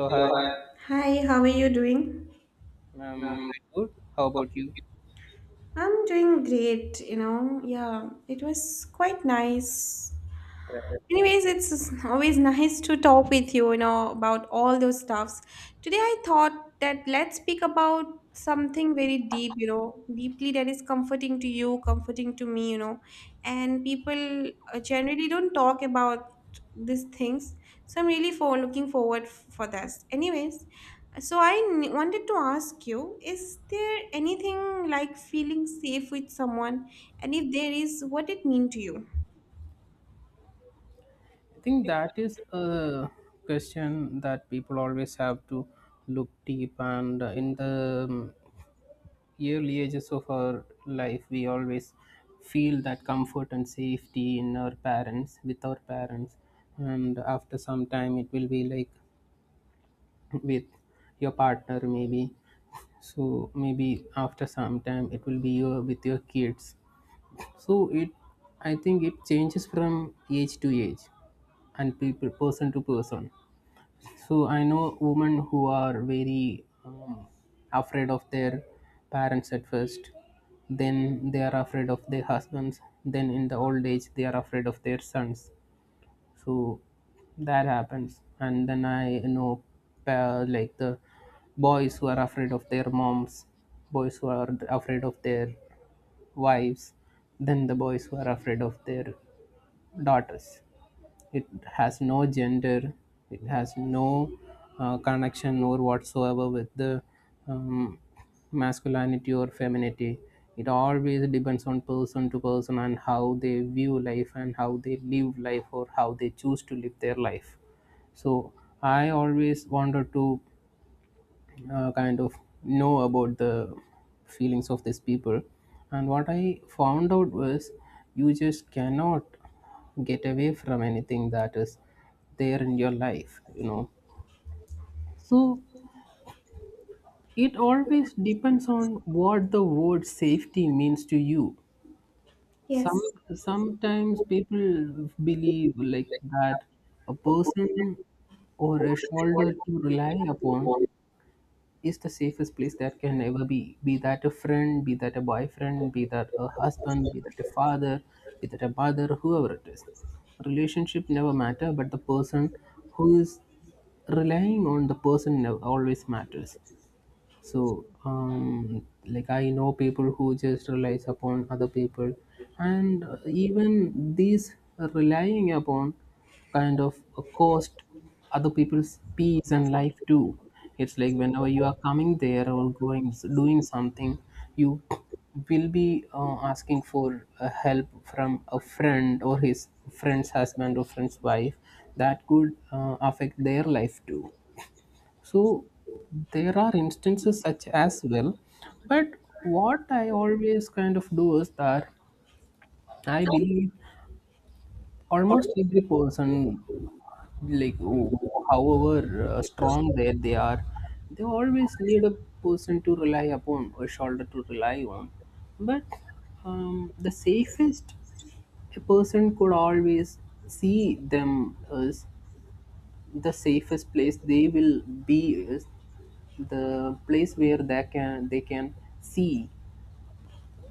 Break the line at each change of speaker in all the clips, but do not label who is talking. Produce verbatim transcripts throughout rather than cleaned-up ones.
So hi,
Hi, how are you doing?
I'm quite good. How about you?
I'm doing great, you know. Yeah, it was quite nice.
I
Anyways, it's always nice to talk with you, you know, about all those stuffs. Today I thought that let's speak about something very deep, you know, deeply that is comforting to you, comforting to me, you know. And people uh, generally don't talk about these things. So I'm really for looking forward f- for this. Anyways, so I n- wanted to ask you, is there anything like feeling safe with someone? And if there is, what it mean to you?
think that is a question that people always have to look deep, and in the um, early ages of our life, we always feel that comfort and safety in our parents, with our parents, and after some time, it will be like with your partner, maybe. So maybe after some time, it will be your, with your kids, so it I think it changes from age to age and people person to person. So I know women who are very afraid of their parents at first, then they are afraid of their husbands, then in the old age they are afraid of their sons. So that happens, and then I know pa- like the boys who are afraid of their moms, boys who are afraid of their wives, then the boys who are afraid of their daughters. It has no gender, it has no uh, connection or whatsoever with the um, masculinity or femininity. It always depends on person to person and how they view life and how they live life or how they choose to live their life. So I always wanted to uh, kind of know about the feelings of these people. And what I found out was you just cannot get away from anything that is there in your life, you know. So it always depends on what the word safety means to you. Some
Yes.
Sometimes people believe like that a person or a shoulder to rely upon is the safest place that can ever be be that a friend, be that a boyfriend, be that a husband, be that a father, be that a mother, whoever it is. Relationship never matter, but the person who is relying on the person never always matters. So um, like I know people who just relies upon other people, and uh, even these relying upon kind of uh, cost other people's peace and life too. It's like whenever you are coming there or going doing something, you will be uh, asking for uh, help from a friend or his friend's husband or friend's wife. That could uh, affect their life too. So there are instances such as well. But what I always kind of do is that I believe almost every person, like oh, however uh, strong they they are, they always need a person to rely upon, a shoulder to rely on. But um, the safest a person could always see them as the safest place they will be is the place where they can they can see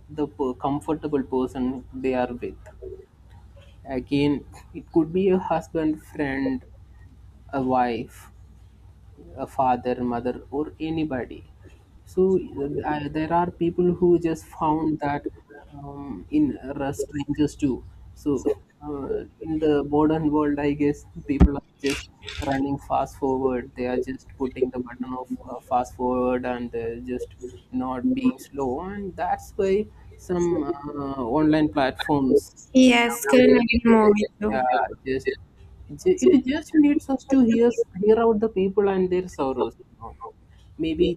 the per- comfortable person they are with. Again, it could be a husband, friend, a wife, a father, mother, or anybody. So uh, I, there are people who just found that um, in uh, strangers too. So uh, in the modern world, I guess people are just running fast forward. They are just putting the button of uh, fast forward and uh, just not being slow. And that's why some uh, online platforms
Yes, couldn't
nowadays
agree
they
more with
yeah, just it ju- it just
you.
needs us to hear hear out the people and their sorrows, you know maybe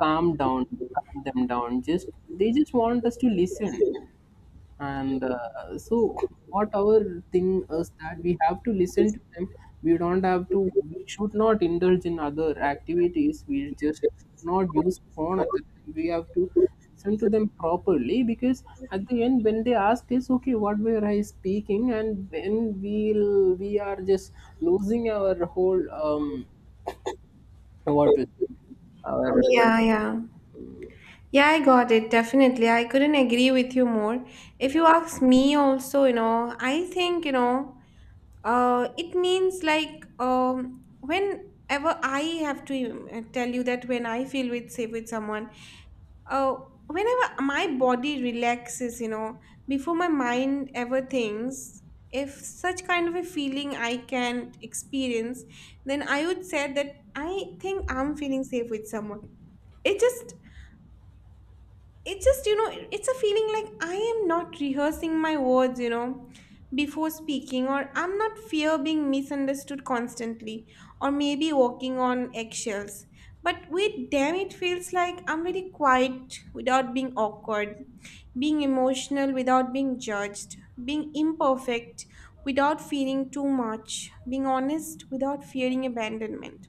calm down, calm them down. Just, they just want us to listen, and uh, so what our thing is that we have to listen to them. We don't have to, we should not indulge in other activities, we just not use phone at the time, we have to listen to them properly, because at the end when they ask us, okay, what were I speaking, and then we'll we are just losing our whole um what to our
Yeah, yeah. Yeah, I got it. Definitely. I couldn't agree with you more. If
yeah.
you ask me also, you know, I think, you know, uh, it means like um whenever I have to uh, tell you that when I feel with safe with someone, oh, whenever my body relaxes, you know, before my mind ever thinks, if such kind of a feeling I can't experience, then I would say that I think I'm feeling safe with someone. It just it's just, you know, it's a feeling like I am not rehearsing my words, you know, before speaking, or I'm not fear being misunderstood constantly, or maybe walking on eggshells. But wait, damn, it feels like I'm very quiet without being awkward, being emotional without being judged, being imperfect without feeling too much, being honest without fearing abandonment.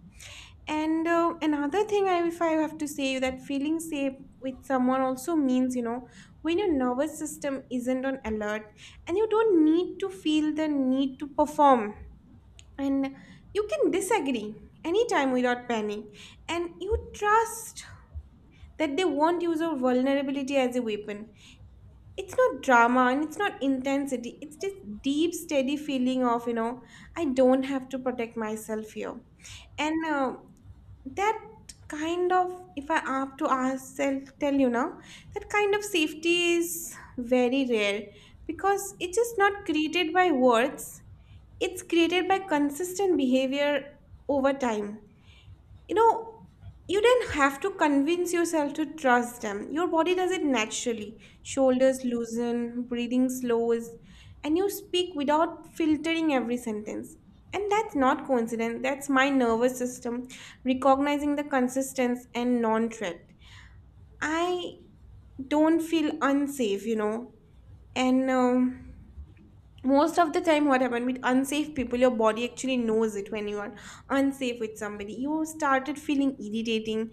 And uh, another thing, I, if I have to say, that feeling safe with someone also means, you know, when your nervous system isn't on alert and you don't need to feel the need to perform. And you can disagree anytime without panic. And you trust that they won't use your vulnerability as a weapon. It's not drama and it's not intensity. It's just deep, steady feeling of, you know, I don't have to protect myself here. And uh, that kind of, if I have to ask tell, tell you now, that kind of safety is very rare, because it is not created by words, it's created by consistent behavior over time, you know. You don't have to convince yourself to trust them. Your body does it naturally. Shoulders loosen, breathing slows, and you speak without filtering every sentence. And that's not coincidence, that's my nervous system recognizing the consistency and non-threat. I don't feel unsafe, you know. And um, most of the time what happened with unsafe people, your body actually knows it. When you are unsafe with somebody, you started feeling irritating,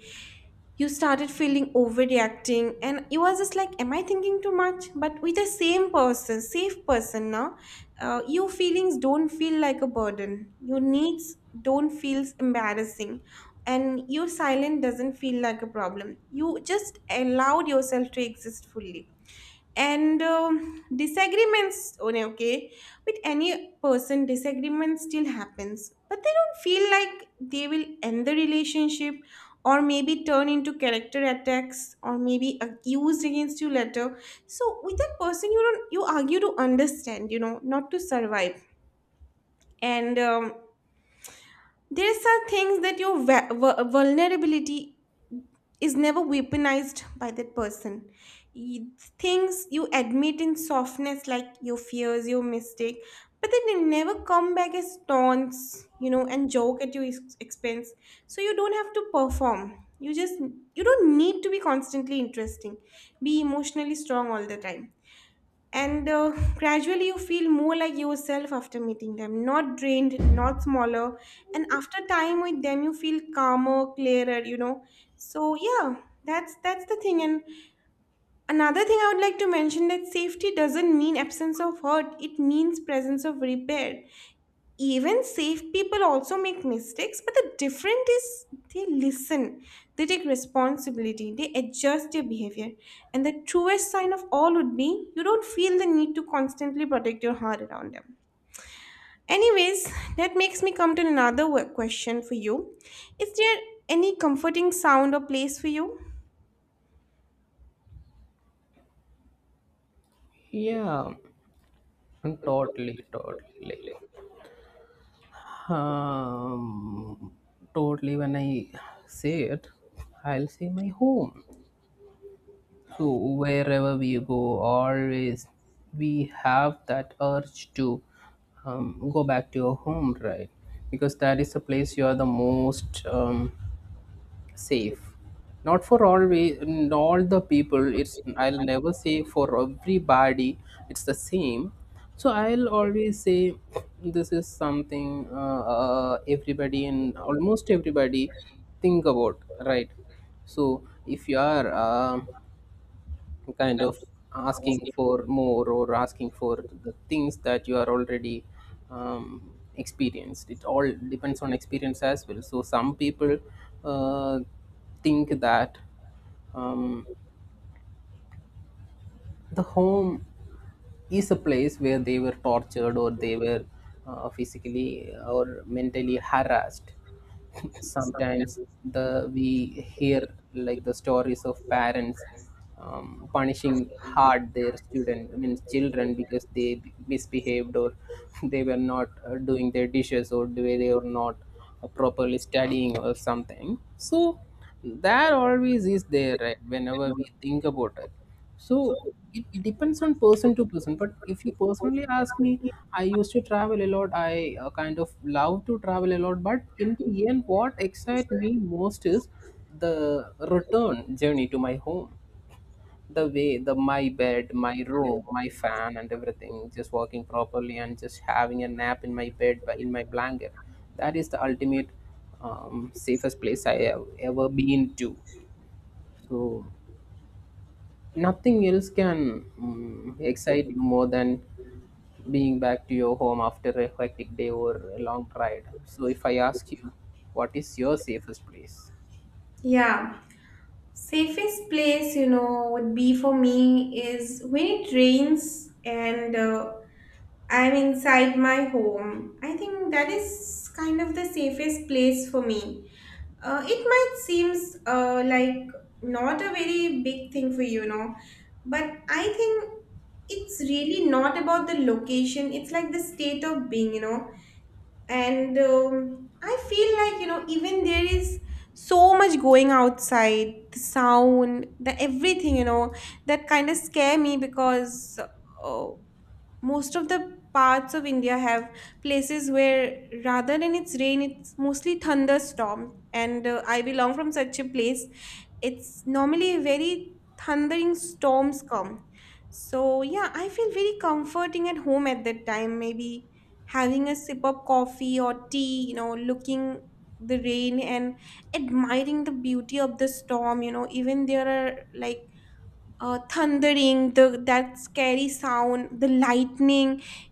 you started feeling overreacting, and you was just like, am I thinking too much? But with the same person, safe person, now uh, your feelings don't feel like a burden, your needs don't feel embarrassing, and your silence doesn't feel like a problem. You just allowed yourself to exist fully. And um, disagreements, oh, no, okay, with any person disagreement still happens, but they don't feel like they will end the relationship or maybe turn into character attacks or maybe accused against you later. So with that person, you don't you argue to understand, you know, not to survive. And um, there are some things that your va- vu- vulnerability is never weaponized by that person. Y- Things you admit in softness, like your fears, your mistake, but then they never come back as taunts, you know, and joke at your ex- expense. So you don't have to perform. You just you don't need to be constantly interesting, be emotionally strong all the time. And uh, gradually you feel more like yourself after meeting them, not drained, not smaller. And after time with them you feel calmer, clearer, you know. So yeah, that's that's the thing. And another thing I would like to mention, that safety doesn't mean absence of hurt, it means presence of repair. Even safe people also make mistakes, but the difference is they listen, they take responsibility, they adjust their behavior. And the truest sign of all would be, you don't feel the need to constantly protect your heart around them. Anyways, that makes me come to another wo- question for you. Is there any comforting sound or place for you?
Yeah, totally, totally. Um, totally, when I say it, I'll say my home. So, wherever we go, always we have that urge to um, go back to your home, right? Because that is the place you are the most um, safe. Not for all, we all the people, it's, I'll never say for everybody it's the same. So I'll always say this is something uh, uh, everybody and almost everybody think about, right? So if you are um, kind of asking for more or asking for the things that you are already um, experienced, it all depends on experience as well. So some people uh, think that um, the home is a place where they were tortured or they were uh, physically or mentally harassed. Sometimes the we hear like the stories of parents um, punishing hard their student, I mean children, because they misbehaved or they were not uh, doing their dishes, or they they were not uh, properly studying or something. So that always is there, right, whenever we think about it. So it depends on person to person. But if you personally ask me, I used to travel a lot. I uh, kind of love to travel a lot. But in the end, what excites me most is the return journey to my home. The way the my bed, my room, my fan, and everything. Just walking properly and just having a nap in my bed, but in my blanket. That is the ultimate um, safest place I have ever been to. So nothing else can mm, excite you more than being back to your home after a hectic day or a long ride. So, if I ask you, what is your safest place?
Yeah, safest place, you know, would be for me is when it rains and uh, I'm inside my home. I think that is kind of the safest place for me. Uh, it might seems uh, like not a very big thing for you, know, but I think it's really not about the location. It's like the state of being, you know. And um, I feel like, you know, even there is so much going outside, the sound, the everything, you know, that kind of scare me because. Uh, Most of the parts of India have places where rather than it's rain, it's mostly thunderstorm. And uh, I belong from such a place. It's normally very thundering storms come. So yeah, I feel very comforting at home at that time. Maybe having a sip of coffee or tea, you know, looking the rain and admiring the beauty of the storm. You know, even there are like uh, thundering, the that scary sound, the lightning.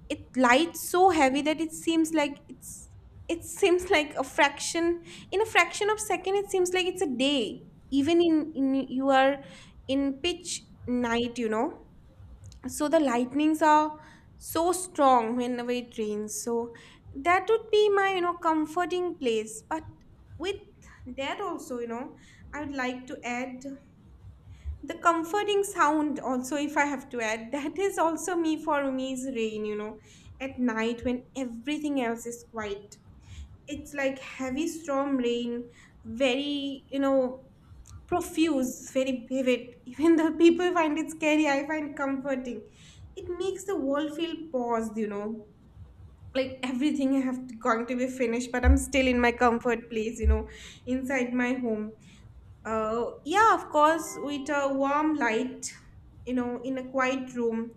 It lights so heavy that it seems like it's it seems like a fraction, in a fraction of second it seems like it's a day, even in, in you are in pitch night, you know. So the lightnings are so strong whenever it rains. So that would be my, you know, comforting place. But with that also, you know, I would like to add the comforting sound also, if I have to add, that is also me for umi's rain, you know, at night when everything else is quiet. It's like heavy storm rain, very, you know, profuse, very vivid. Even though people find it scary, I find comforting. It makes the world feel paused, you know, like everything I have to, going to be finished, but I'm still in my comfort place, you know, inside my home. Uh, yeah, of course, with a warm light, you know, in a quiet room,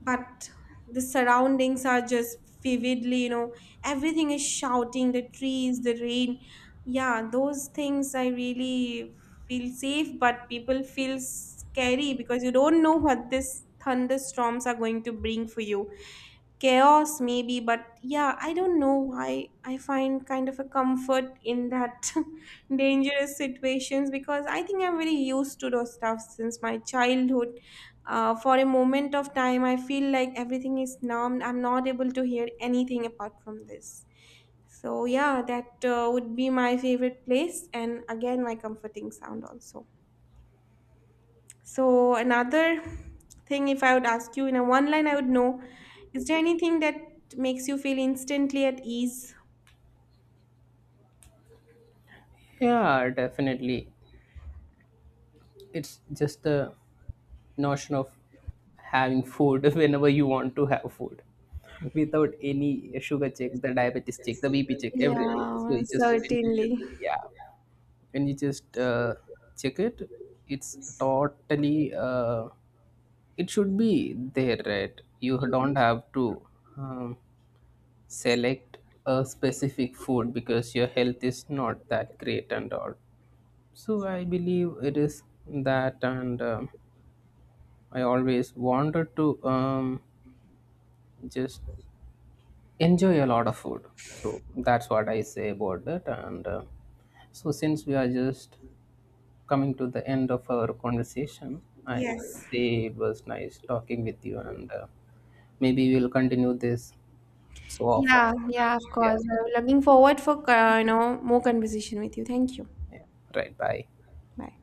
but the surroundings are just vividly, you know, everything is shouting, the trees, the rain. Yeah, those things I really feel safe, but people feel scary because you don't know what these thunderstorms are going to bring for you, chaos maybe. But yeah, I don't know why I find kind of a comfort in that. Dangerous situations, because I think I'm very used to those stuff since my childhood. Uh, for a moment of time I feel like everything is numbed, I'm not able to hear anything apart from this. So yeah, that uh, would be my favorite place and again my comforting sound also. So another thing, if I would ask you in a one line, I would know, is there anything that makes you feel instantly at ease?
Yeah, definitely. It's just the notion of having food whenever you want to have food without any sugar check, the diabetes check, the B P check, everything. So,
Yeah,
it just, when you just
certainly.
yeah, and you just uh, check it, it's totally uh, it should be there, right? You don't have to um, select a specific food because your health is not that great and all. So I believe it is that, and um, I always wanted to um, just enjoy a lot of food. So that's what I say about it, and uh, so since we are just coming to the end of our conversation, I
Yes.
say it was nice talking with you, and uh, maybe we'll continue this so often.
Yeah, yeah, of
Yeah,
course. I'm looking forward for uh, you know more conversation with you. Thank you.
yeah, right. Bye.
Bye.